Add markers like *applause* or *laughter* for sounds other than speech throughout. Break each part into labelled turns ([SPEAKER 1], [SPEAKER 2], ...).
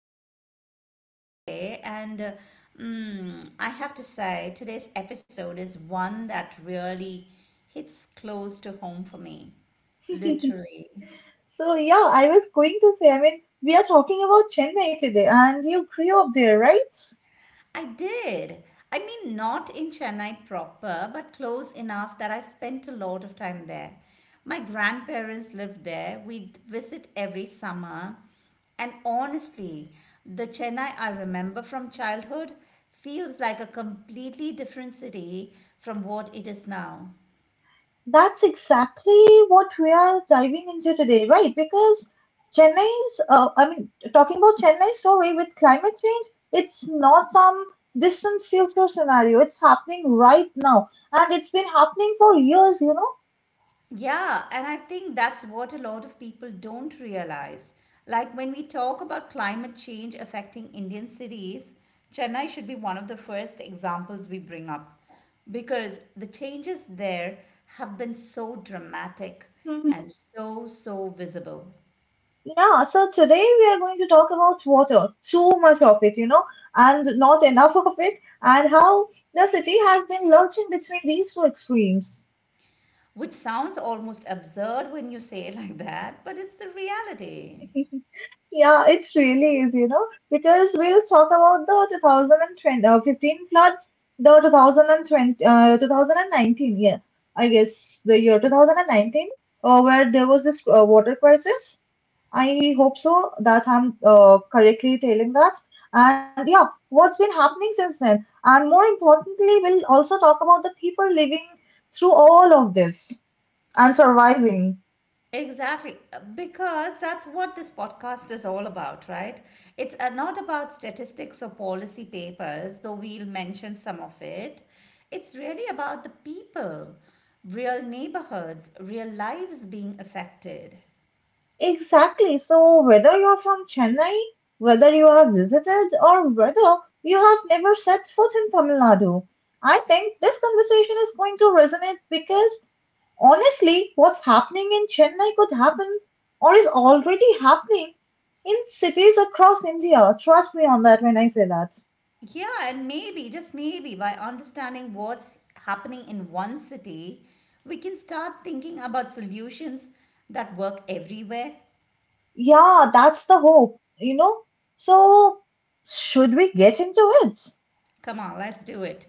[SPEAKER 1] glad you're here with us today, and I have to say, today's episode is one that really hits close to home for me,
[SPEAKER 2] *laughs*
[SPEAKER 1] literally.
[SPEAKER 2] So yeah, I was going to say, I mean, we are talking about Chennai today, and you grew up there, right?
[SPEAKER 1] I did. I mean, not in Chennai proper, but close enough that I spent a lot of time there. My grandparents lived there. We'd visit every summer. And honestly, the Chennai I remember from childhood feels like a completely different city from what it is now.
[SPEAKER 2] That's exactly what we are diving into today, right? Because talking about Chennai's story with climate change, it's not some distant future scenario. It's happening right now, and it's been happening for years, you
[SPEAKER 1] Yeah, and I think that's what a lot of people don't realize. Like when we talk about climate change affecting Indian cities, Chennai should be one of the first examples we bring up because the changes there have been so dramatic
[SPEAKER 2] know?
[SPEAKER 1] and so visible,
[SPEAKER 2] Yeah, so today we are going to talk about water, too much of it, you know, and not enough of it, and how the city has been lurching between these two extremes.
[SPEAKER 1] which sounds almost absurd when you say it *laughs* like that, but it's the reality.
[SPEAKER 2] *laughs* Yeah, it really is, you know, because we'll talk about the 15 floods, the 2019, yeah, I guess the year 2019, where there was this water crisis. I hope so that I'm correctly telling that. And yeah, what's been happening since then? And more importantly, we'll also talk about the people living through all of this and surviving.
[SPEAKER 1] Exactly, because that's what this podcast is all about, right? It's not about statistics or policy papers, though we'll mention some of it. It's really about the people, real neighborhoods, real lives being affected.
[SPEAKER 2] Exactly. So, whether you're from Chennai, whether you have visited, or whether you have never set foot in Tamil Nadu, I think this conversation is going to resonate because honestly, what's happening in Chennai could happen or is already happening in cities across India. Trust me on that when I say that.
[SPEAKER 1] Yeah, and maybe, just maybe, by understanding what's happening in one city, we can start thinking about solutions that work everywhere.
[SPEAKER 2] Yeah, that's the hope, you know? So, should we get into it?
[SPEAKER 1] Come on, let's do it.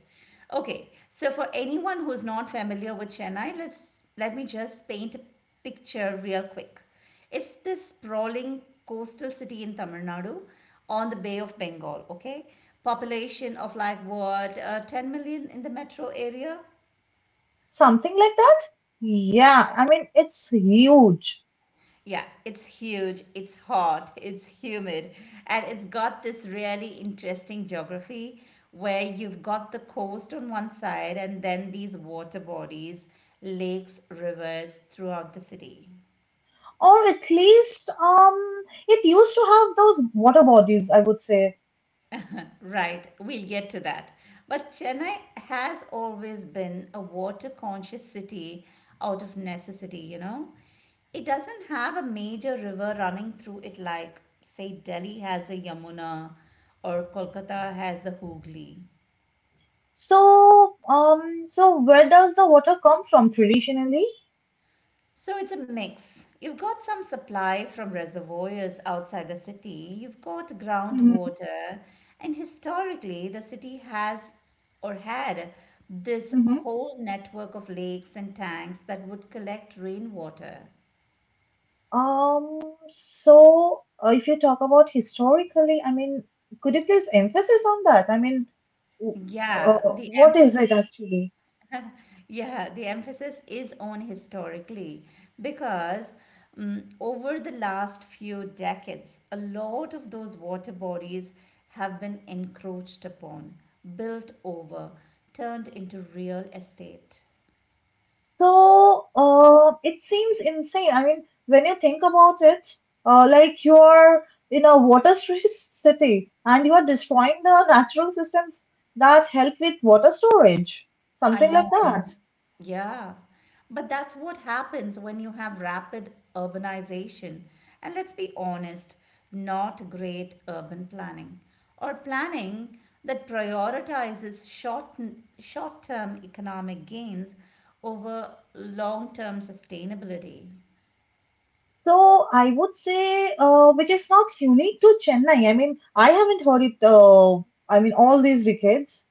[SPEAKER 1] Okay, so for anyone who's not familiar with Chennai, let me just paint a picture real quick. It's this sprawling coastal city in Tamil Nadu on the Bay of Bengal, okay? Population of like what, 10 million in the metro area?
[SPEAKER 2] Something like that? Yeah, I mean, it's huge
[SPEAKER 1] Yeah, it's huge, it's hot, it's humid, and it's got this really interesting geography where you've got the coast on one side and then these water bodies, lakes, rivers throughout the city.
[SPEAKER 2] or at least it used to have those water bodies, I would say.
[SPEAKER 1] *laughs* Right, we'll get to that. But Chennai has always been a water conscious city out of necessity, you know. It doesn't have a major river running through it like, say, Delhi has the Yamuna or Kolkata has the Hooghly.
[SPEAKER 2] So um so where does the water come from traditionally?
[SPEAKER 1] So it's a mix. You've got some supply from reservoirs outside the city, you've got groundwater, and historically, the city has or had this
[SPEAKER 2] Mm-hmm.
[SPEAKER 1] whole network of lakes and tanks that would collect rainwater.
[SPEAKER 2] um so if you talk about historically, I mean, could you please emphasis on that? I mean, w-
[SPEAKER 1] Yeah, the
[SPEAKER 2] what is
[SPEAKER 1] emphasis
[SPEAKER 2] it actually?
[SPEAKER 1] Yeah, the emphasis is on historically because mm over the last few decades, a lot of those water bodies have been encroached upon, built over, turned into real estate.
[SPEAKER 2] So it seems insane. I mean, when you think about it, like you are in a water-stressed *laughs* city and you are destroying the natural systems that help with water storage,
[SPEAKER 1] I
[SPEAKER 2] something
[SPEAKER 1] know,
[SPEAKER 2] like
[SPEAKER 1] I
[SPEAKER 2] that.
[SPEAKER 1] know. Yeah. But that's what happens when you have rapid urbanization. And let's be honest, not great urban planning or planning that prioritizes short-term economic gains over long-term sustainability.
[SPEAKER 2] So I would say, which is not unique to Chennai. I mean, I haven't heard it. I mean, all these decades.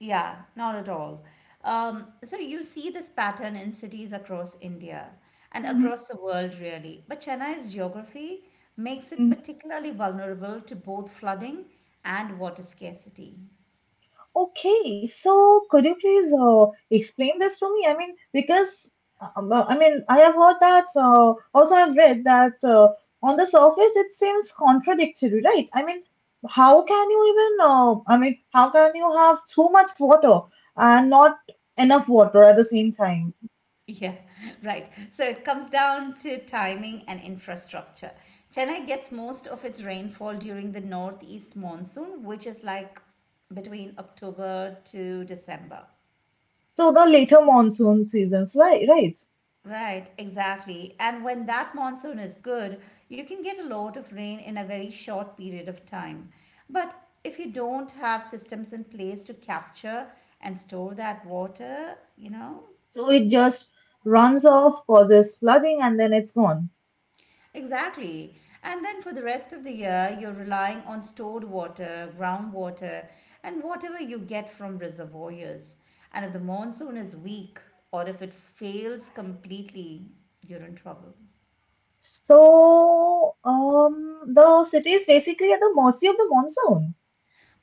[SPEAKER 1] Yeah, not at all. So you see this pattern in cities across India and
[SPEAKER 2] Mhm.
[SPEAKER 1] across the world, really. But Chennai's geography makes it particularly vulnerable to both flooding and water scarcity.
[SPEAKER 2] Okay, so could you please explain this to me? I mean, because I mean, I have heard that, also I've read that on the surface it seems contradictory, right? I mean, how can you even, I mean, how can you have too much water and not enough water at the same time?
[SPEAKER 1] Yeah, *laughs* right. So it comes down to timing and infrastructure. Chennai gets most of its rainfall during the northeast monsoon, which is like between October to December.
[SPEAKER 2] So the later monsoon seasons, right? Right.
[SPEAKER 1] Right, exactly. And when that monsoon is good, you can get a lot of rain in a very short period of time. But if you don't have systems in place to capture and store that water, you know,
[SPEAKER 2] So it just runs off, causes flooding, and then it's gone.
[SPEAKER 1] exactly. And then for the rest of the year, you're relying on stored water, groundwater, and whatever you get from reservoirs. And if the monsoon is weak or if it fails completely, you're in trouble.
[SPEAKER 2] So, the city is basically at the mercy of the monsoon.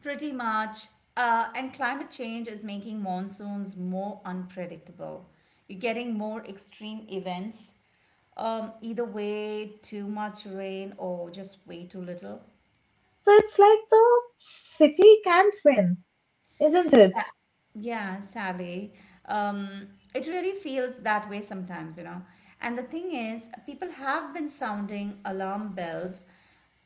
[SPEAKER 1] Pretty much. And climate change is making monsoons more unpredictable. You're getting more extreme events. Either way, too much rain or just way too little.
[SPEAKER 2] So it's like the city can't win, isn't it?
[SPEAKER 1] Sa- Yeah, Sally. Um, it really feels that way sometimes, you know. And the thing is, people have been sounding alarm bells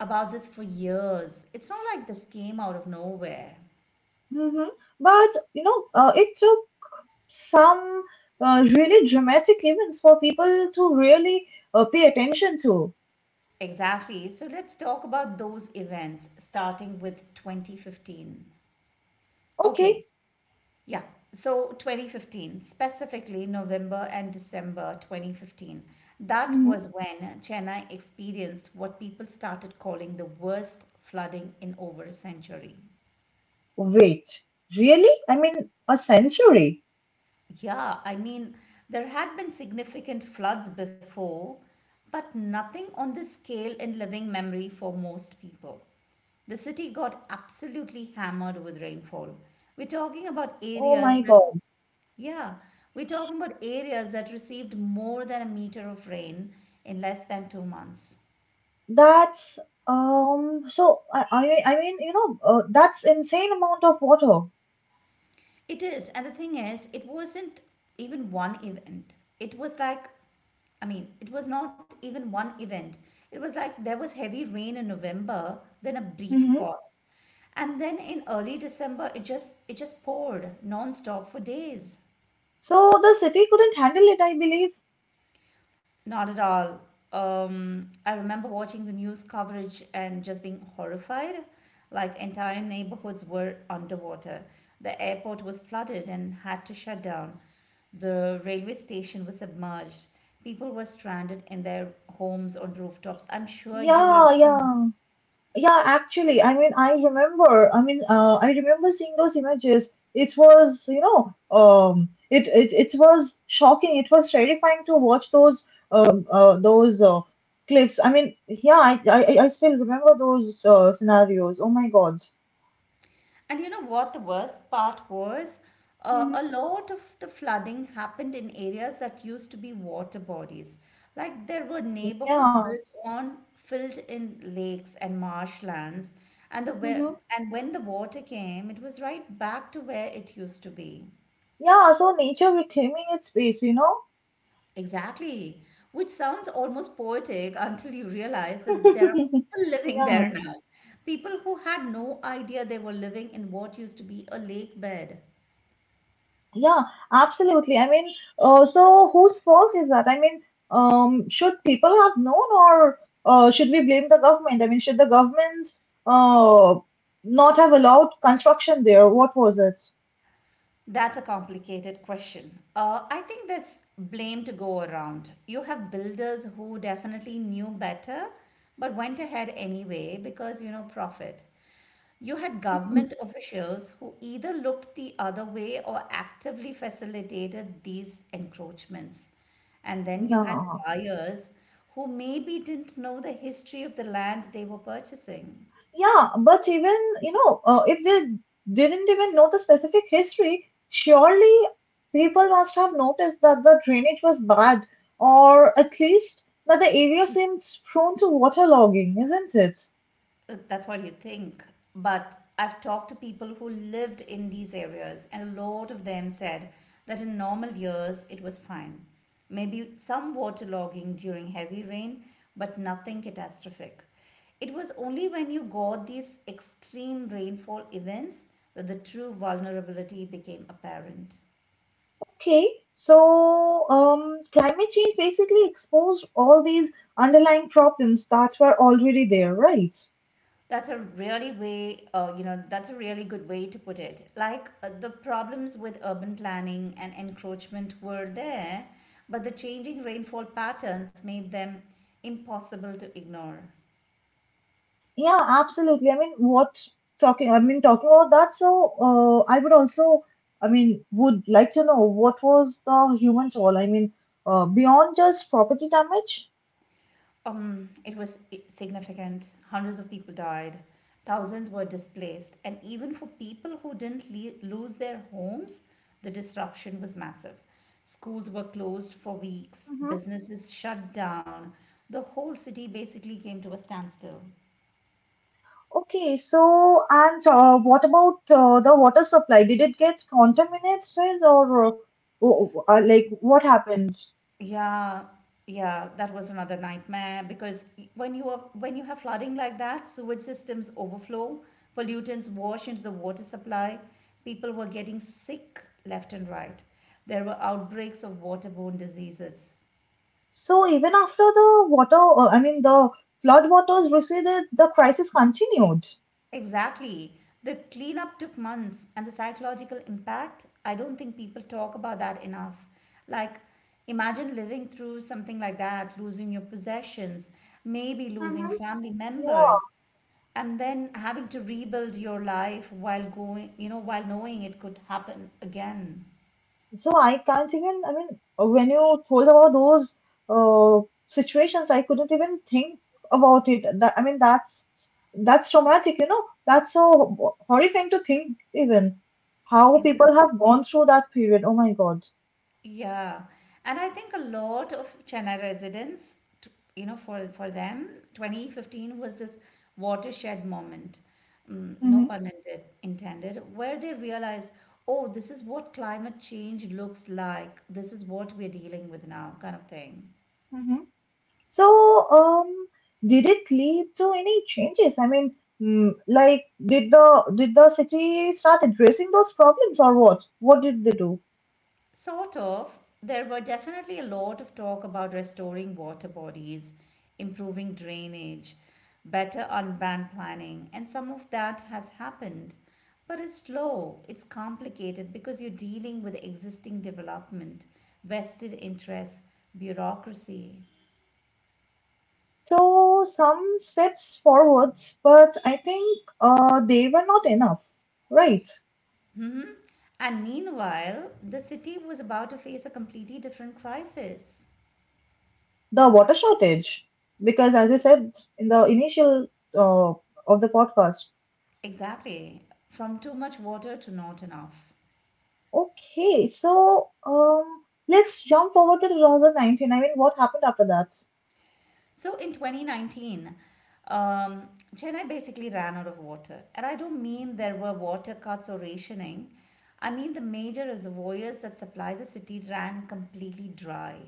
[SPEAKER 1] about this for years. It's not like this came out of nowhere.
[SPEAKER 2] Hmm. But you know, it took some really dramatic events for people to really pay attention to.
[SPEAKER 1] Exactly. So let's talk about those events starting with 2015.
[SPEAKER 2] Okay.
[SPEAKER 1] Okay. Yeah. So 2015, specifically November and December 2015. That
[SPEAKER 2] Hmm.
[SPEAKER 1] was when Chennai experienced what people started calling the worst flooding in over a century.
[SPEAKER 2] Wait, really? I mean, a century?
[SPEAKER 1] Yeah, I mean, there had been significant floods before, but nothing on this scale in living memory for most people. The city got absolutely hammered with rainfall. We're talking about
[SPEAKER 2] Oh my
[SPEAKER 1] areas that,
[SPEAKER 2] God,
[SPEAKER 1] yeah, we're talking about areas that received more than a meter of rain in less than 2 months.
[SPEAKER 2] that's. So I mean, you know, that's insane amount of water.
[SPEAKER 1] It is, and the thing is, it wasn't even one event. It was like I mean, it was not even one event. It was like there was heavy rain in November, then a brief
[SPEAKER 2] Mm-hmm.
[SPEAKER 1] pause. And then in early December, it just poured nonstop for days.
[SPEAKER 2] So the city couldn't handle it, I believe.
[SPEAKER 1] Not at all. I remember watching the news coverage and just being horrified. Like entire neighborhoods were underwater. The airport was flooded and had to shut down. The railway station was submerged. People were stranded in their homes on rooftops. I'm sure you would have
[SPEAKER 2] Yeah,
[SPEAKER 1] seen.
[SPEAKER 2] yeah, yeah. Actually, I mean, I remember. I mean, I remember seeing those images. It was, you know, it was shocking. It was terrifying to watch those cliffs. I mean, yeah, I still remember those scenarios. Oh my God.
[SPEAKER 1] And you know what the worst part was?
[SPEAKER 2] Mm-hmm.
[SPEAKER 1] A lot of the flooding happened in areas that used to be water bodies. Like there were neighborhoods
[SPEAKER 2] Yeah.
[SPEAKER 1] built on, filled in lakes and marshlands, and the
[SPEAKER 2] Mm-hmm.
[SPEAKER 1] where, and when the water came, it was right back to where it used to be.
[SPEAKER 2] Yeah. So nature reclaiming its space, you know.
[SPEAKER 1] Exactly, which sounds almost poetic until you realize that there are
[SPEAKER 2] *laughs*
[SPEAKER 1] people *laughs* living there
[SPEAKER 2] Yeah.
[SPEAKER 1] now. People who had no idea they were living in what used to be a lake bed.
[SPEAKER 2] Yeah, absolutely. I mean, so whose fault is that? I mean, should people have known or should we blame the government? I mean, should the government uh, not have allowed construction there? What was it?
[SPEAKER 1] That's a complicated question. I think there's blame to go around. You have builders who definitely knew better but went ahead anyway because, you know, profit. You had
[SPEAKER 2] Hmm.
[SPEAKER 1] government officials who either looked the other way or actively facilitated these encroachments. And then you had
[SPEAKER 2] Yeah,
[SPEAKER 1] buyers who maybe didn't know the history of the land they were purchasing.
[SPEAKER 2] yeah, but even, you know, if they didn't even know the specific history, surely people must have noticed that the drainage was bad, or at least that the area seems prone to waterlogging, isn't it?
[SPEAKER 1] That's what you think. But I've talked to people who lived in these areas, and a lot of them said that in normal years it was fine. Maybe some waterlogging during heavy rain, but nothing catastrophic. It was only when you got these extreme rainfall events that the true vulnerability became apparent.
[SPEAKER 2] Okay, so climate change basically exposed all these underlying problems that were already there, right?
[SPEAKER 1] That's a really good way to put it. Like the problems with urban planning and encroachment were there, but the changing rainfall patterns made them impossible to ignore.
[SPEAKER 2] Yeah, absolutely. I mean, talking about that. So, I would also, I mean, would like to know what was the human toll? I mean, beyond just property damage.
[SPEAKER 1] It was significant. Hundreds of people died, thousands were displaced, and even for people who didn't lose their homes, the disruption was massive. Schools were closed for weeks,
[SPEAKER 2] Hmm.
[SPEAKER 1] businesses shut down, the whole city basically came to a standstill.
[SPEAKER 2] Okay, so and what about the water supply? Did it get contaminated, or like what happened?
[SPEAKER 1] Yeah, yeah, that was another nightmare because when you have flooding like that, sewage systems overflow, pollutants wash into the water supply, people were getting sick left and right. There were outbreaks of waterborne diseases.
[SPEAKER 2] So even after the water, I mean the flood waters receded, the crisis continued.
[SPEAKER 1] Exactly. The cleanup took months, and the psychological impact, I don't think people talk about that enough. Like, imagine living through something like that, losing your possessions, maybe losing
[SPEAKER 2] Mm-hmm.
[SPEAKER 1] family
[SPEAKER 2] Yeah,
[SPEAKER 1] members, and then having to rebuild your life while knowing it could happen again.
[SPEAKER 2] so I can't even, I mean, when you told about those situations, I couldn't even think about it. That, I mean, that's traumatic, you know. That's so horrifying to think even how
[SPEAKER 1] Exactly.
[SPEAKER 2] people have gone through that period. Oh my God.
[SPEAKER 1] Yeah, and I think a lot of Chennai residents, for them, 2015 was this watershed moment, mm, no
[SPEAKER 2] Mm-hmm.
[SPEAKER 1] pun intended, where they realized, oh, this is what climate change looks like. This is what we're dealing with now, kind of thing.
[SPEAKER 2] So, did it lead to any changes? I mean, mm, like, did the city start addressing those problems or what? What did they do?
[SPEAKER 1] Sort of. There were definitely a lot of talk about restoring water bodies, improving drainage, better urban planning, and some of that has happened. But it's slow, it's complicated because you're dealing with existing development, vested interests, bureaucracy.
[SPEAKER 2] So, some steps forwards, but I think they were not enough, right?
[SPEAKER 1] And meanwhile, the city was about to face a completely different crisis.
[SPEAKER 2] The water shortage, because as I said in the initial uh, of the podcast.
[SPEAKER 1] Exactly. From too much water to not enough.
[SPEAKER 2] Okay, so let's jump over to 2019. I mean, what happened after that?
[SPEAKER 1] So in 2019, um, Chennai basically ran out of water. And I don't mean there were water cuts or rationing, I mean the major reservoirs that supply the city ran completely dry.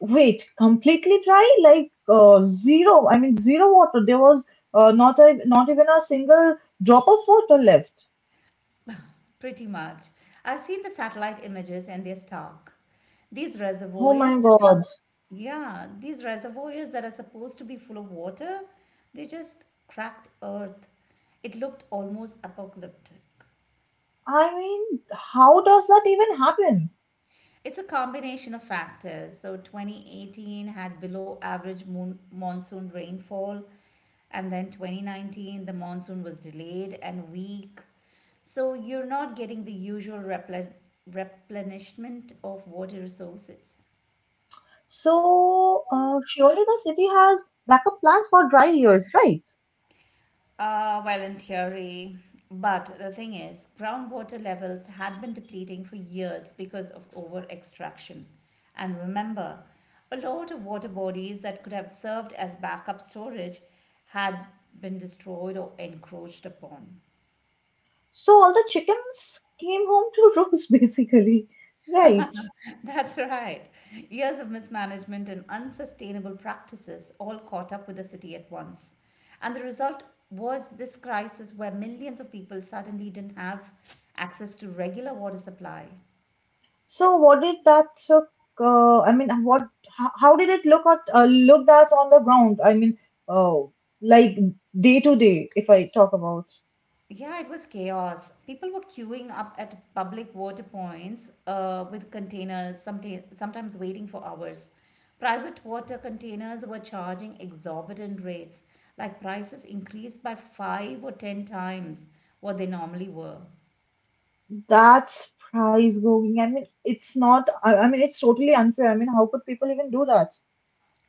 [SPEAKER 2] Wait, completely dry? Like zero? I mean, zero water. There was not even a single drop of water left.
[SPEAKER 1] Pretty much. I've seen the satellite images and they're stark. These
[SPEAKER 2] Oh
[SPEAKER 1] reservoirs
[SPEAKER 2] my
[SPEAKER 1] that are,
[SPEAKER 2] God.
[SPEAKER 1] yeah, these reservoirs that are supposed to be full of water, they just cracked earth. It looked almost apocalyptic.
[SPEAKER 2] I mean, how does that even happen?
[SPEAKER 1] It's a combination of factors. So 2018 had below average monsoon rainfall, and then 2019 the monsoon was delayed and weak. So you're not getting the usual replenishment of water resources.
[SPEAKER 2] So, surely the city has backup plans for dry years, right?
[SPEAKER 1] Well, in theory. But the thing is, groundwater levels had been depleting for years because of over extraction. And remember, a lot of water bodies that could have served as backup storage had been destroyed or encroached upon.
[SPEAKER 2] So all the chickens came home to roost, *laughs* basically, right?
[SPEAKER 1] *laughs* That's right. Years of mismanagement and unsustainable practices all caught up with the city at once. And the result was this crisis where millions of people suddenly didn't have access to regular water supply.
[SPEAKER 2] So what did that look? I mean, what? How did it look at on the ground? I mean, oh, like day to day. If I talk about
[SPEAKER 1] Yeah, it was chaos. People were queuing up at public water points with containers, sometimes waiting for hours. Private water containers were charging exorbitant rates, like prices increased by five or ten times what they normally were.
[SPEAKER 2] that's price going. I mean, it's not. I mean, it's totally unfair. I mean, how could people even do that?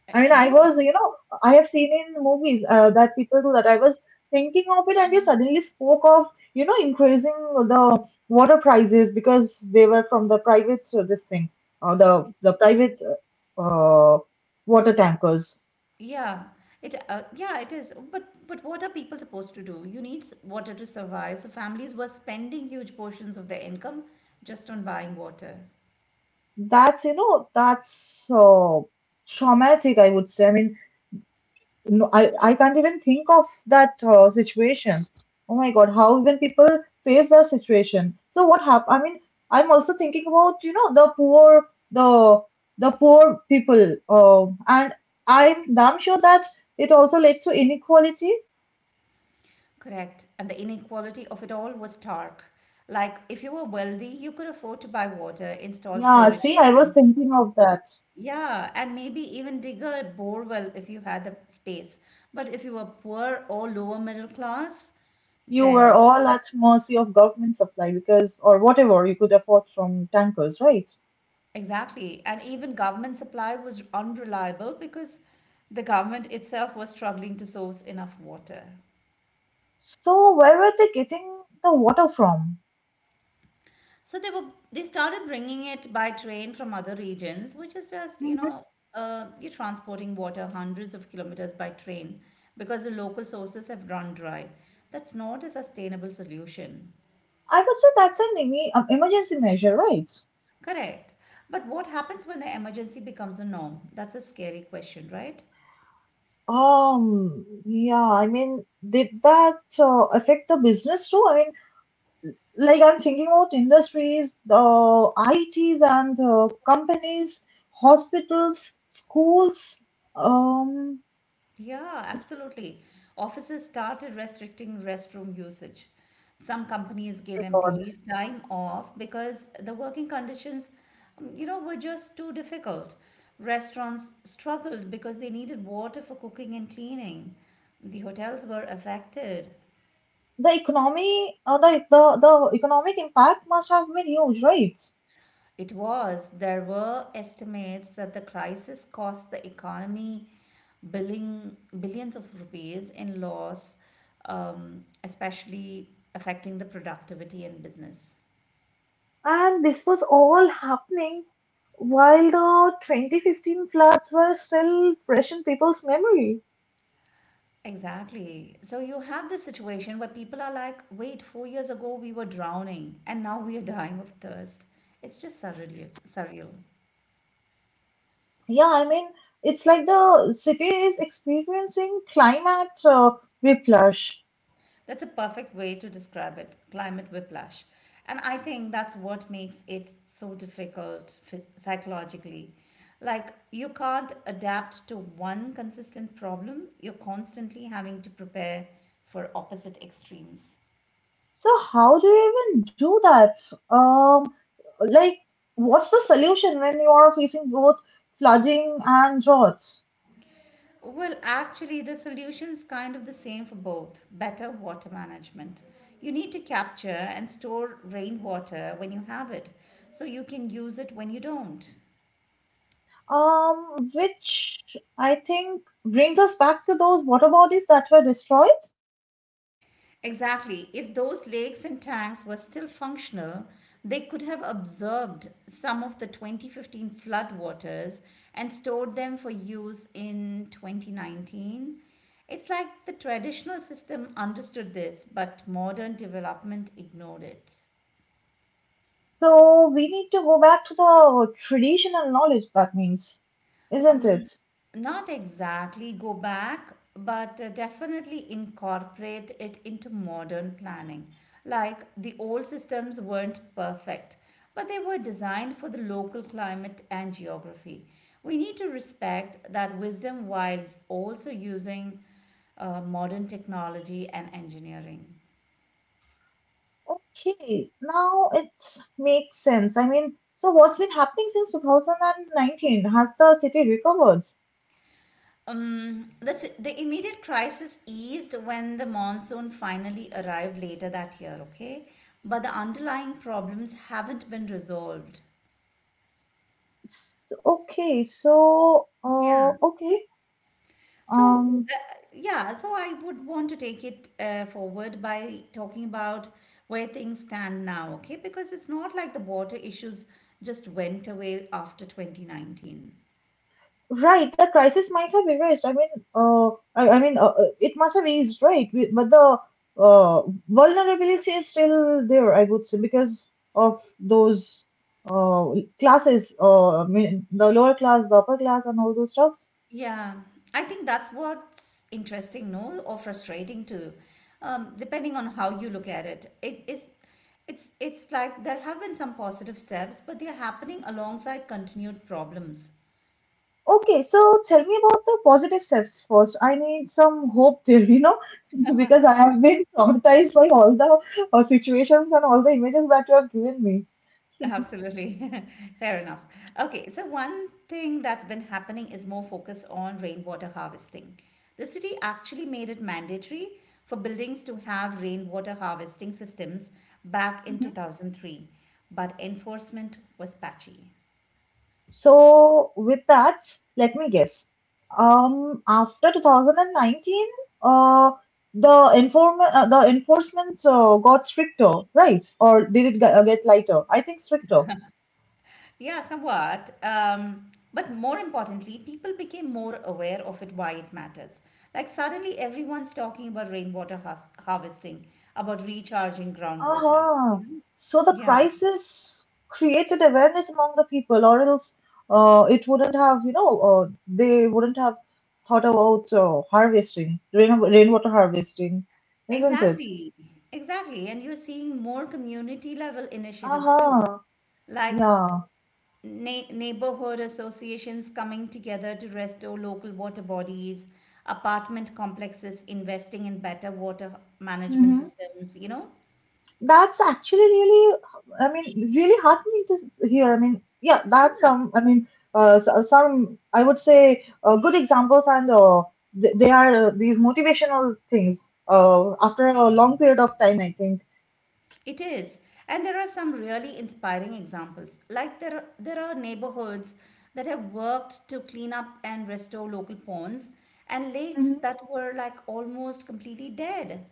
[SPEAKER 1] Uh,
[SPEAKER 2] I mean, I
[SPEAKER 1] Yeah,
[SPEAKER 2] was, you know, I have seen in movies that people do that. I was thinking of it, and you suddenly spoke of, you know, increasing the water prices because they were from the private this thing, the private uh, uh, water tankers.
[SPEAKER 1] yeah, it is. But what are people supposed to do? You need water to survive. So families were spending huge portions of their income just on buying water.
[SPEAKER 2] That's, you know, that's traumatic, I would say. I mean, no, I can't even think of that situation. Oh my God, how even people face that situation. So what happened? I mean, I'm also thinking about, you know, the poor, the the poor people. And I'm damn sure that it also led to inequality.
[SPEAKER 1] Correct. And the inequality of it all was stark. Like, if you were wealthy, you could afford to buy water, install
[SPEAKER 2] Yeah,
[SPEAKER 1] storage
[SPEAKER 2] see, I was
[SPEAKER 1] tanks.
[SPEAKER 2] thinking of that.
[SPEAKER 1] Yeah, and maybe even dig a borewell if you had the space. But if you were poor or lower middle class,
[SPEAKER 2] You were
[SPEAKER 1] then
[SPEAKER 2] all at mercy of government supply because, or whatever you could afford from tankers, right?
[SPEAKER 1] exactly. And even government supply was unreliable because the government itself was struggling to source enough water.
[SPEAKER 2] So where were they getting the water from?
[SPEAKER 1] So they started bringing it by train from other regions, which is just, you
[SPEAKER 2] Hmm.
[SPEAKER 1] know, uh, you're transporting water hundreds of kilometers by train because the local sources have run dry. That's not a sustainable solution.
[SPEAKER 2] I would say that's an emergency measure, right?
[SPEAKER 1] Correct. But what happens when the emergency becomes the norm? That's a scary question, right?
[SPEAKER 2] Yeah, I mean, did that affect the business too? I mean, like I'm thinking about industries, I T's and companies, hospitals, schools, um.
[SPEAKER 1] Yeah, absolutely. Offices started restricting restroom usage. Some companies gave
[SPEAKER 2] Oh God.
[SPEAKER 1] employees time off because the working conditions were just too difficult. Restaurants struggled because they needed water for cooking and cleaning. The hotels were affected.
[SPEAKER 2] The economy, the economic impact must have been huge, right?
[SPEAKER 1] It was. There were estimates that the crisis cost the economy billions of rupees in loss, especially affecting the productivity in business.
[SPEAKER 2] And this was all happening while the 2015 floods were still fresh in people's memory.
[SPEAKER 1] Exactly. So you have this situation where people are like, wait, 4 years ago we were drowning and now we are dying of thirst. It's just surreal. Surreal.
[SPEAKER 2] Yeah, I mean, it's like the city is experiencing climate whiplash.
[SPEAKER 1] That's a perfect way to describe it: climate whiplash. And I think that's what makes it so difficult psychologically. Like, you can't adapt to one consistent problem, you're constantly having to prepare for opposite extremes.
[SPEAKER 2] So how do you even do that? Um, like, what's the solution when you are facing both flooding and drought?
[SPEAKER 1] Well, actually, the solution is kind of the same for both: better water management. You need to capture and store rainwater when you have it, so you can use it when you don't.
[SPEAKER 2] Which I think brings us back to those water bodies that were destroyed.
[SPEAKER 1] Exactly. If those lakes and tanks were still functional, they could have absorbed some of the 2015 floodwaters and stored them for use in 2019. It's like the traditional system understood this, but modern development ignored it.
[SPEAKER 2] So we need to go back to the traditional knowledge, that means, isn't
[SPEAKER 1] Um,
[SPEAKER 2] it?
[SPEAKER 1] Not exactly go back, but definitely incorporate it into modern planning. Like the old systems weren't perfect, but they were designed for the local climate and geography. We need to respect that wisdom while also using modern technology and engineering.
[SPEAKER 2] Okay, now it makes sense. I mean, so what's been happening since 2019? Has the city recovered?
[SPEAKER 1] Um, the, the immediate crisis eased when the monsoon finally arrived later that year, okay? But the underlying problems haven't been resolved.
[SPEAKER 2] S- Okay, so
[SPEAKER 1] Yeah.
[SPEAKER 2] okay,
[SPEAKER 1] So,
[SPEAKER 2] um,
[SPEAKER 1] yeah, so I would want to take it forward by talking about where things stand now, okay? Because it's not like the water issues just went away after 2019.
[SPEAKER 2] right. The crisis might have erased. I mean, uh, it must have eased, right? But the uh, vulnerability is still there, I would say, because of those uh classes. I mean, the lower class, the upper class, and all those stuff.
[SPEAKER 1] Yeah, I think that's what's interesting, no, or frustrating too, depending on how you look at it. It is, it's like there have been some positive steps, but they're happening alongside continued problems.
[SPEAKER 2] Okay, so tell me about the positive steps first. I need some hope there, you know, *laughs* because I have been *laughs* traumatized by all the situations and all the images that you have given me.
[SPEAKER 1] Absolutely. *laughs* Fair enough. Okay, so one thing that's been happening is more focus on rainwater harvesting. The city actually made it mandatory for buildings to have rainwater harvesting systems back in
[SPEAKER 2] Mm-hmm.
[SPEAKER 1] 2003, but enforcement was patchy.
[SPEAKER 2] So, with that, let me guess. After 2019, uh, the enforcement got stricter, right? Or did it get lighter? I think stricter.
[SPEAKER 1] Yeah, somewhat. But more importantly, people became more aware of it, why it matters. Like suddenly, everyone's talking about rainwater harvesting, about recharging groundwater.
[SPEAKER 2] Uh-huh.
[SPEAKER 1] You know?
[SPEAKER 2] So the
[SPEAKER 1] Yeah,
[SPEAKER 2] crisis created awareness among the people, or else it wouldn't have, you know, they wouldn't have thought about rainwater harvesting, isn't it?
[SPEAKER 1] exactly, exactly. And you're seeing more community level initiatives too,
[SPEAKER 2] Uh-huh.
[SPEAKER 1] like
[SPEAKER 2] Yeah.
[SPEAKER 1] neighborhood associations coming together to restore local water bodies, apartment complexes investing in better water management
[SPEAKER 2] Mm-hmm.
[SPEAKER 1] systems. You know.
[SPEAKER 2] That's actually really, I mean, really heartening to hear. I mean, yeah, that's
[SPEAKER 1] Yeah.
[SPEAKER 2] some, I mean, some, I would say, good examples, and they are these motivational things after a long period of time, I think.
[SPEAKER 1] It is, and there are some really inspiring examples. Like there are neighborhoods that have worked to clean up and restore local ponds and lakes
[SPEAKER 2] Mhm.
[SPEAKER 1] that were like almost completely dead.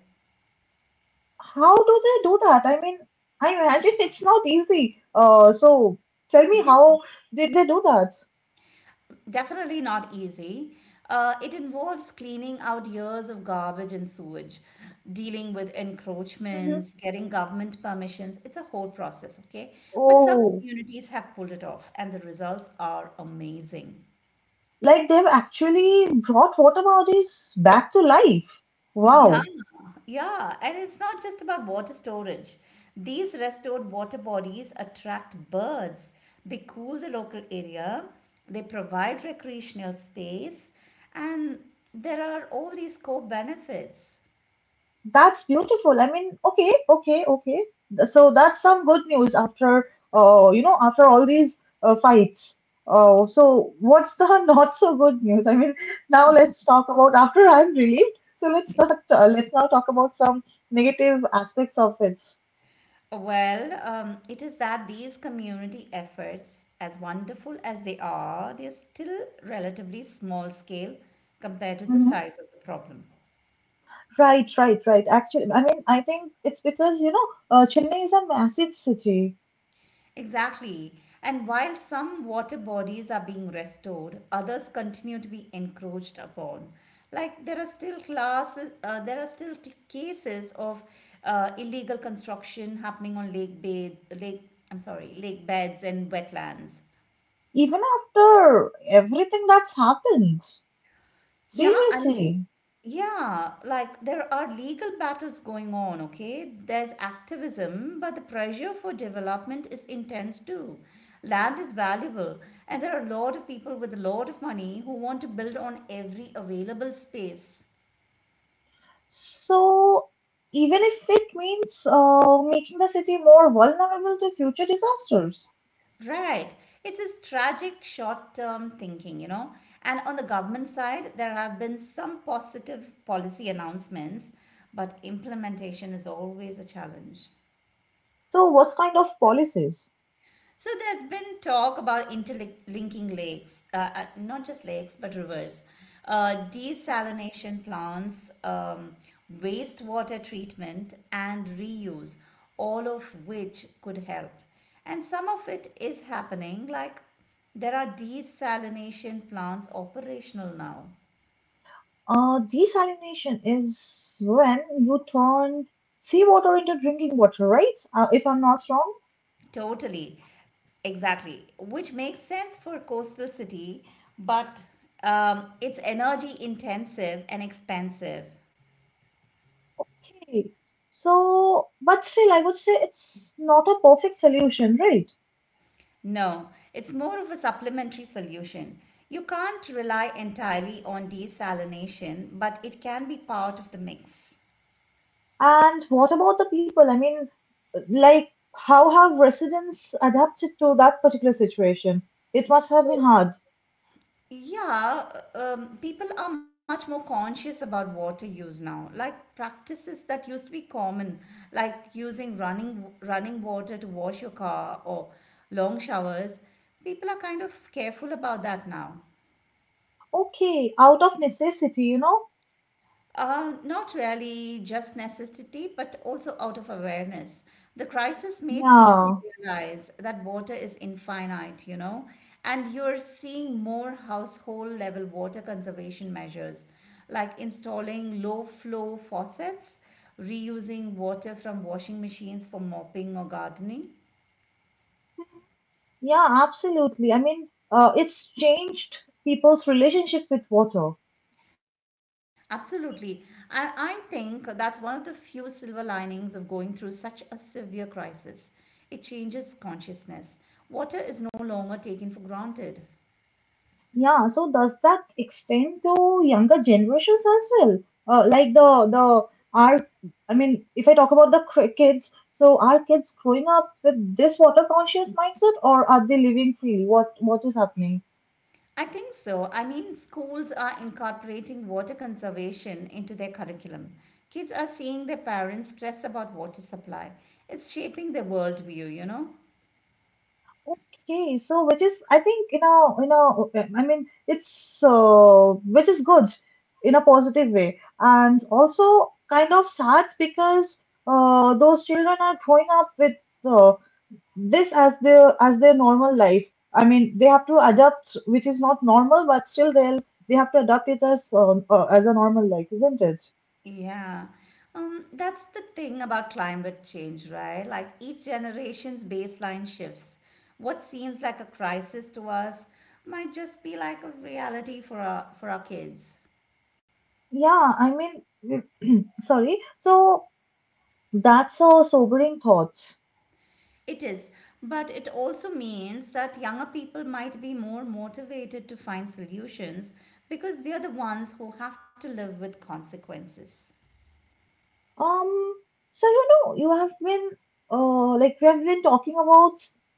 [SPEAKER 2] How do they do that? I mean, I imagine it's not easy. So tell me,
[SPEAKER 1] Yeah,
[SPEAKER 2] how did they do that?
[SPEAKER 1] definitely not easy. It involves cleaning out years of garbage and sewage, dealing with
[SPEAKER 2] Mhm.
[SPEAKER 1] encroachments, getting government permissions. It's a whole process, okay? But some
[SPEAKER 2] Oh,
[SPEAKER 1] communities have pulled it off, and the results are amazing.
[SPEAKER 2] like they've actually brought water bodies back to life.
[SPEAKER 1] Yeah,
[SPEAKER 2] Wow.
[SPEAKER 1] yeah, and it's not just about water storage. These restored water bodies attract birds. They cool the local area, they provide recreational space, and there are all these co benefits.
[SPEAKER 2] That's beautiful. I mean, okay, okay, okay. So that's some good news after, you know, after all these fights. Oh, so what's the *laughs* not so good news? I mean, now let's talk about after I'm relieved. So let's not let's now talk about some negative aspects of it.
[SPEAKER 1] Well, it is that these community efforts, as wonderful as they are, they're still relatively small scale compared to the
[SPEAKER 2] hmm
[SPEAKER 1] size of the problem.
[SPEAKER 2] Right, right, right. Actually, I mean, I think it's because, Chennai is a massive city.
[SPEAKER 1] Exactly. And while some water bodies are being restored, others continue to be encroached upon. Like there are still classes, there are still c- cases of illegal construction happening on lake bed, lake. I'm sorry, lake beds and wetlands.
[SPEAKER 2] Even after everything that's happened,
[SPEAKER 1] Yeah, I mean,
[SPEAKER 2] seriously.
[SPEAKER 1] yeah, like there are legal battles going on, okay? There's activism, but the pressure for development is intense too. Land is valuable, and there are a lot of people with a lot of money who want to build on every available space.
[SPEAKER 2] So, even if it means making the city more vulnerable to future disasters.
[SPEAKER 1] Right. It's this tragic short term thinking, you know. And on the government side, there have been some positive policy announcements, but implementation is always a challenge.
[SPEAKER 2] So, what kind of policies?
[SPEAKER 1] So there's been talk about interlinking lakes, not just lakes, but rivers, desalination plants, wastewater treatment, and reuse, all of which could help. And some of it is happening, like there are desalination plants operational now.
[SPEAKER 2] Desalination is when you turn seawater into drinking water, right? If I'm not wrong.
[SPEAKER 1] Totally, exactly, which makes sense for coastal city, but it's energy intensive and expensive.
[SPEAKER 2] Okay. So, but still, I would say it's not a perfect solution, right?
[SPEAKER 1] No, it's more of a supplementary solution. You can't rely entirely on desalination, but it can be part of the mix.
[SPEAKER 2] And what about the people? I mean, like, how have residents adapted to that particular situation? It must have been hard.
[SPEAKER 1] Yeah, people are much more conscious about water use now. Like practices that used to be common, like using running water to wash your car or long showers, people are kind of careful about that now.
[SPEAKER 2] Okay, out of necessity, you know?
[SPEAKER 1] Not really just necessity, but also out of awareness. The crisis made people
[SPEAKER 2] Yeah,
[SPEAKER 1] realize that water is infinite, and you're seeing more household level water conservation measures like installing low flow faucets, reusing water from washing machines for mopping or gardening.
[SPEAKER 2] yeah, absolutely. I mean, it's changed people's relationship with water.
[SPEAKER 1] Absolutely. I think that's one of the few silver linings of going through such a severe crisis. It changes consciousness. Water is no longer taken for granted.
[SPEAKER 2] Yeah, so does that extend to younger generations as well? Like the our, I mean, if I talk about the kids, so are kids growing up with this water conscious mindset, or are they living freely? What is happening?
[SPEAKER 1] I think so. I mean, schools are incorporating water conservation into their curriculum. Kids are seeing their parents stress about water supply. It's shaping their worldview, you know?
[SPEAKER 2] Okay, so which is I think you know I mean it's which is good in a positive way and also kind of sad because those children are growing up with uh, this as their normal life. I mean they have to adapt, which is not normal, but still they have to adapt it as a normal life, isn't it?
[SPEAKER 1] Yeah. That's the thing about climate change, right? Like each generation's baseline shifts. What seems like a crisis to us might just be like a reality for our kids.
[SPEAKER 2] Yeah, I mean mm, sorry. So that's a sobering thought.
[SPEAKER 1] It is, but it also means that younger people might be more motivated to find solutions because they're the ones who have to live with consequences.
[SPEAKER 2] Um, so you know, you have been like we have been talking about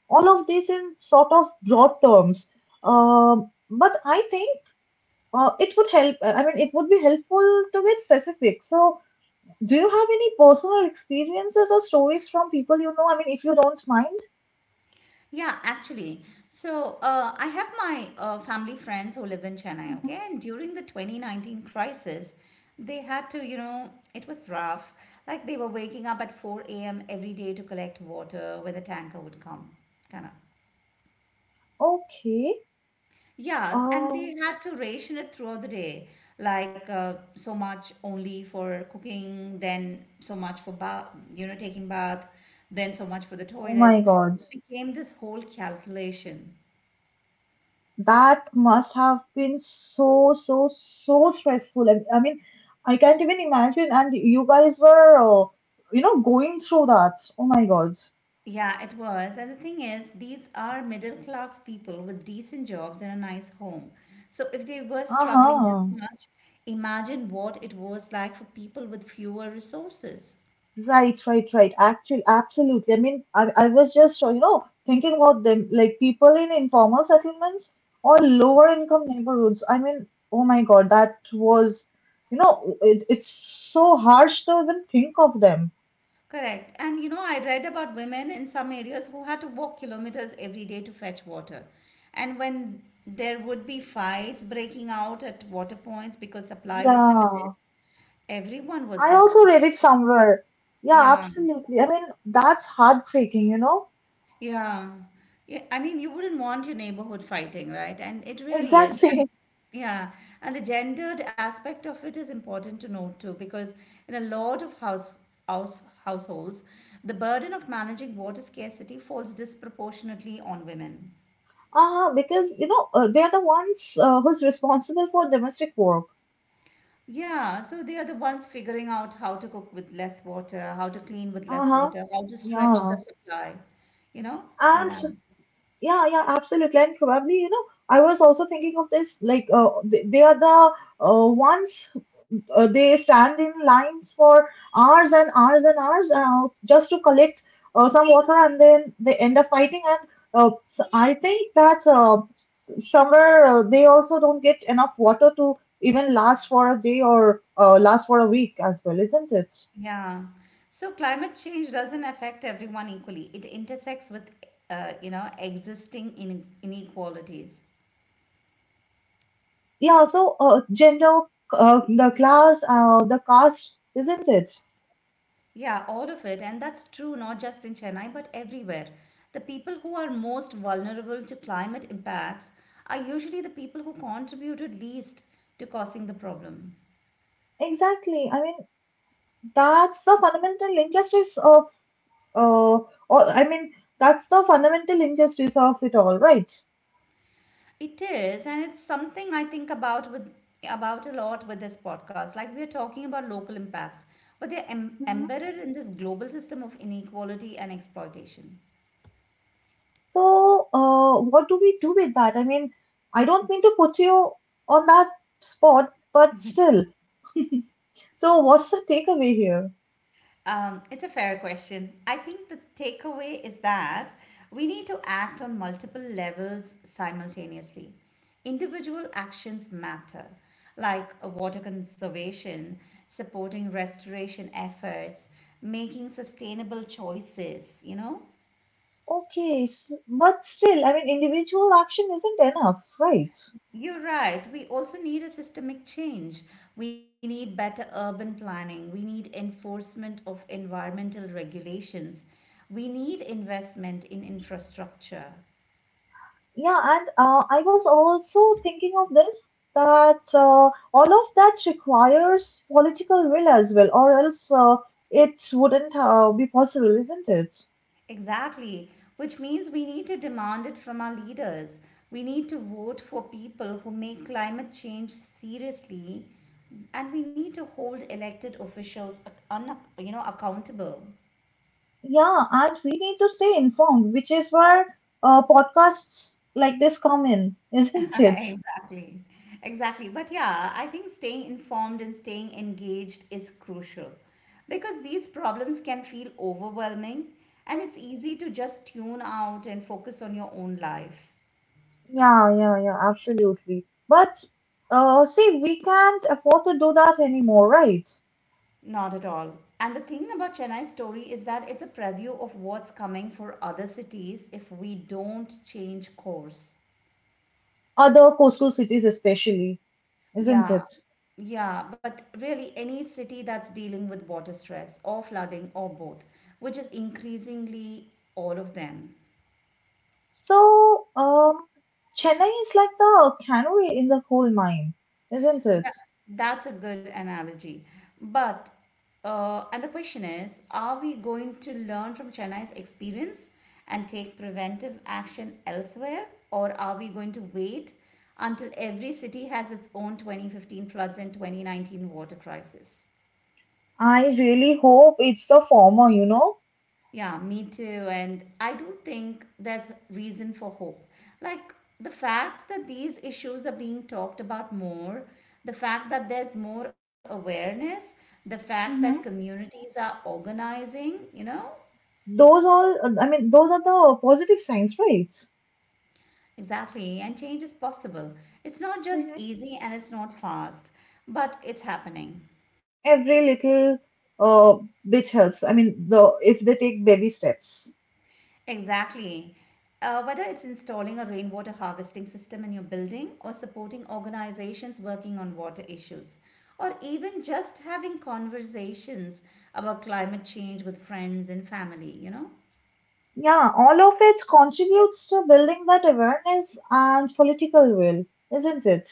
[SPEAKER 2] all of this in sort of broad terms. But I think it would help. I mean, it would be helpful to get specific. So, do you have any personal experiences or stories from people you know? I mean, if you don't mind.
[SPEAKER 1] Yeah, actually. So I have my family friends who live in Chennai,
[SPEAKER 2] Mhm.
[SPEAKER 1] okay? And during the 2019 crisis, they had to. It was rough. Like they were waking up at 4 a.m. every day to collect water when the tanker would come, kind of.
[SPEAKER 2] Okay.
[SPEAKER 1] Yeah, and they
[SPEAKER 2] Um,
[SPEAKER 1] had to ration it throughout the day, like so much only for cooking, then so much for bath, taking bath, then so much for the
[SPEAKER 2] oh my
[SPEAKER 1] toilets.
[SPEAKER 2] God.
[SPEAKER 1] It became this whole calculation.
[SPEAKER 2] That must have been so, so, so stressful. And I mean, I can't even imagine. And you guys were, going through that. Oh my God.
[SPEAKER 1] Yeah, it was. And the thing is, these are middle class people with decent jobs and a nice home. So if they were struggling this
[SPEAKER 2] Uh-huh.
[SPEAKER 1] much, imagine what it was like for people with fewer resources.
[SPEAKER 2] Right, right, right. Actually, absolutely. I mean, I was just, thinking about them, like people in informal settlements or lower income neighborhoods. I mean, oh my God, that was, you know, it's so harsh to even think of them.
[SPEAKER 1] Correct. And I read about women in some areas who had to walk kilometers every day to fetch water. And when there would be fights breaking out at water points because supply was limited,
[SPEAKER 2] Yeah,
[SPEAKER 1] everyone was
[SPEAKER 2] I also read
[SPEAKER 1] desperate.
[SPEAKER 2] it somewhere. Yeah,
[SPEAKER 1] Yeah.
[SPEAKER 2] absolutely. I mean, that's heartbreaking, you know?
[SPEAKER 1] Yeah. Yeah, I mean, you wouldn't want your neighborhood fighting, right? And it really is. And
[SPEAKER 2] Exactly. *laughs*
[SPEAKER 1] yeah, and the gendered aspect of it is important to note too, because in a lot of households, the burden of managing water scarcity falls disproportionately on women.
[SPEAKER 2] Because, they're the ones who's responsible for domestic work.
[SPEAKER 1] Yeah, so they are the ones figuring out how to cook with less water, how to clean with less
[SPEAKER 2] Uh-huh.
[SPEAKER 1] water, how to stretch the
[SPEAKER 2] Yeah.
[SPEAKER 1] supply, you know, like
[SPEAKER 2] And
[SPEAKER 1] that.
[SPEAKER 2] yeah, yeah, absolutely. And probably, you know, I was also thinking of this like they are the ones, they stand in lines for hours and hours and hours just to collect some water and then they end up fighting and s I think that s- summer they also don't get enough water to even last for a day or last for a week as well, isn't it?
[SPEAKER 1] Yeah. So climate change doesn't affect everyone equally. It intersects with, existing in inequalities.
[SPEAKER 2] Yeah, so gender, the class, the caste, isn't it?
[SPEAKER 1] Yeah, all of it. And that's true not just in Chennai, but everywhere. The people who are most vulnerable to climate impacts are usually the people who contributed least to causing the problem.
[SPEAKER 2] Exactly, I mean that's the fundamental linkages of, Uh, I mean, that's the fundamental injustice of it all, right?
[SPEAKER 1] It is, and it's something I think about a lot with this podcast. Like we are talking about local impacts, but they're
[SPEAKER 2] hmm
[SPEAKER 1] embedded in this global system of inequality and exploitation.
[SPEAKER 2] So, what do we do with that? I mean, I don't mean to put you on that spot, but still. So, what's the takeaway here?
[SPEAKER 1] It's a fair question. I think the takeaway is that we need to act on multiple levels simultaneously. Individual actions matter, like water conservation, supporting restoration efforts, making sustainable choices, you know?
[SPEAKER 2] Okay, s but still, I mean, individual action isn't enough, right?
[SPEAKER 1] You're right. We also need a systemic change. We need better urban planning. We need enforcement of environmental regulations. We need investment in infrastructure.
[SPEAKER 2] Yeah, and I was also thinking of this that all of that requires political will as well, or else it wouldn't be possible, isn't it?
[SPEAKER 1] Exactly, which means we need to demand it from our leaders. We need to vote for people who make climate change seriously, and we need to hold elected officials accountable.
[SPEAKER 2] Yeah, and we need to stay informed, which is where podcasts like this come in, *laughs* isn't
[SPEAKER 1] *laughs*
[SPEAKER 2] it?
[SPEAKER 1] Exactly. Exactly. But yeah, I think staying informed and staying engaged is crucial because these problems can feel overwhelming and
[SPEAKER 2] Mm.
[SPEAKER 1] it's easy to just tune out and focus on your own life.
[SPEAKER 2] Yeah, yeah, yeah, absolutely. But see, we can't afford to do that anymore, right?
[SPEAKER 1] Not at all. And the thing about Chennai's story is that it's a preview of what's coming for other cities if we don't change course.
[SPEAKER 2] Other coastal cities, especially, isn't
[SPEAKER 1] Yeah,
[SPEAKER 2] it?
[SPEAKER 1] yeah, but really any city that's dealing with water stress or flooding or both, which is increasingly all of them.
[SPEAKER 2] So, Chennai is like the canary in the coal mine, isn't it?
[SPEAKER 1] That, that's a good analogy. But, and the question is, are we going to learn from Chennai's experience and take preventive action elsewhere, or are we going to wait until every city has its own 2015 floods and 2019 water crisis?
[SPEAKER 2] I really hope it's the former, you know?
[SPEAKER 1] Yeah, me too. And I do think there's reason for hope. Like the fact that these issues are being talked about more, the fact that there's more awareness, the fact that
[SPEAKER 2] Mm-hmm.
[SPEAKER 1] communities are organizing, you know?
[SPEAKER 2] Those all, I mean, those are the positive signs, right?
[SPEAKER 1] Exactly. And change is possible. It's not just easy and it's not fast, but it's happening.
[SPEAKER 2] Every little uh, bit helps. I mean, the if they take baby steps.
[SPEAKER 1] Exactly. Whether it's installing a rainwater harvesting system in your building, or supporting organizations working on water issues, or even just having conversations about climate change with friends and family, you know?
[SPEAKER 2] Yeah, all of it contributes to building that awareness and political will, isn't it?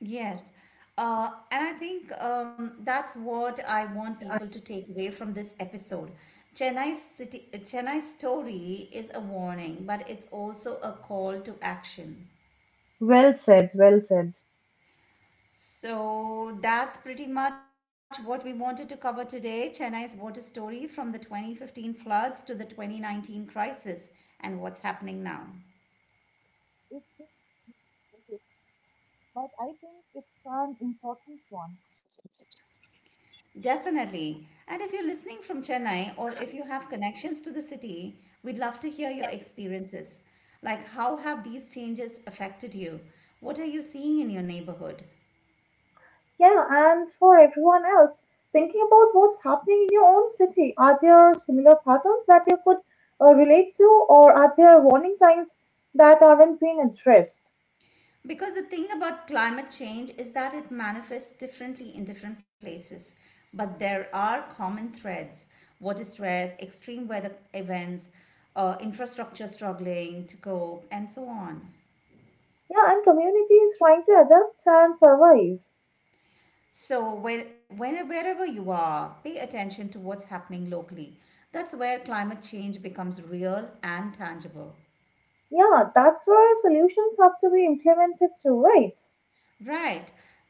[SPEAKER 1] Yes. And I think that's what I want people
[SPEAKER 2] I-
[SPEAKER 1] to take away from this episode. Chennai's story is a warning, but it's also a call to action.
[SPEAKER 2] Well said, well said.
[SPEAKER 1] So that's pretty much what we wanted to cover today: Chennai's water story from the 2015 floods to the 2019 crisis and what's happening now.
[SPEAKER 2] It's difficult, but I think it's an important one.
[SPEAKER 1] Definitely. And if you're listening from Chennai or if you have connections to the city, we'd love to hear your experiences. Like, how have these changes affected you? What are you seeing in your neighborhood?
[SPEAKER 2] Yeah, and for everyone else, thinking about what's happening in your own city, are there similar patterns that you could relate to, or are there warning signs that aren't being addressed?
[SPEAKER 1] Because the thing about climate change is that it manifests differently in different places, but there are common threads: water stress, extreme weather events, infrastructure struggling to cope, and so on.
[SPEAKER 2] Yeah, and communities trying to adapt and survive.
[SPEAKER 1] So, wherever you are, pay attention to what's happening locally. That's where climate change becomes real and tangible.
[SPEAKER 2] Yeah, that's where solutions have to be implemented too, right?
[SPEAKER 1] Right.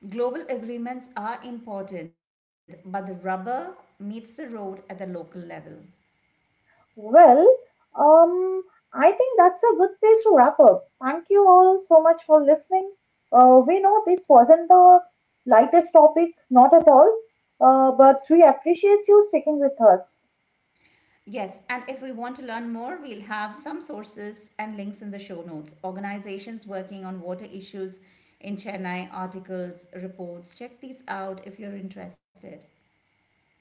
[SPEAKER 1] Global agreements are important, but the rubber meets the road at the local level.
[SPEAKER 2] Well, um, I think that's a good place to wrap up. Thank you all so much for listening. We know this wasn't the lightest topic, not at all, but we appreciate you sticking with us.
[SPEAKER 1] Yes, and if we want to learn more, we'll have some sources and links in the show notes. Organizations working on water issues in Chennai, articles, reports. Check these out if you're interested.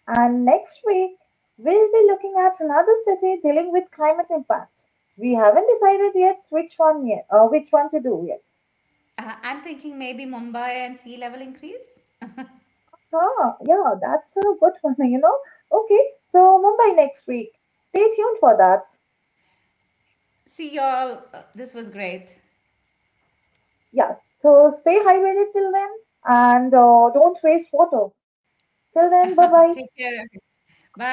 [SPEAKER 2] And next week, we'll be looking at another city dealing with climate impacts. We haven't decided yet which one yet, Which one to do yet.
[SPEAKER 1] I'm thinking maybe Mumbai and sea level increase.
[SPEAKER 2] Ah, yeah, that's a good one, *laughs* you know. Okay, so Mumbai next week. Stay tuned for that.
[SPEAKER 1] See y'all. This was great.
[SPEAKER 2] Yes, so stay hydrated till then and don't waste water. Till
[SPEAKER 1] *laughs*
[SPEAKER 2] then, bye
[SPEAKER 1] Take
[SPEAKER 2] bye.
[SPEAKER 1] care. Bye.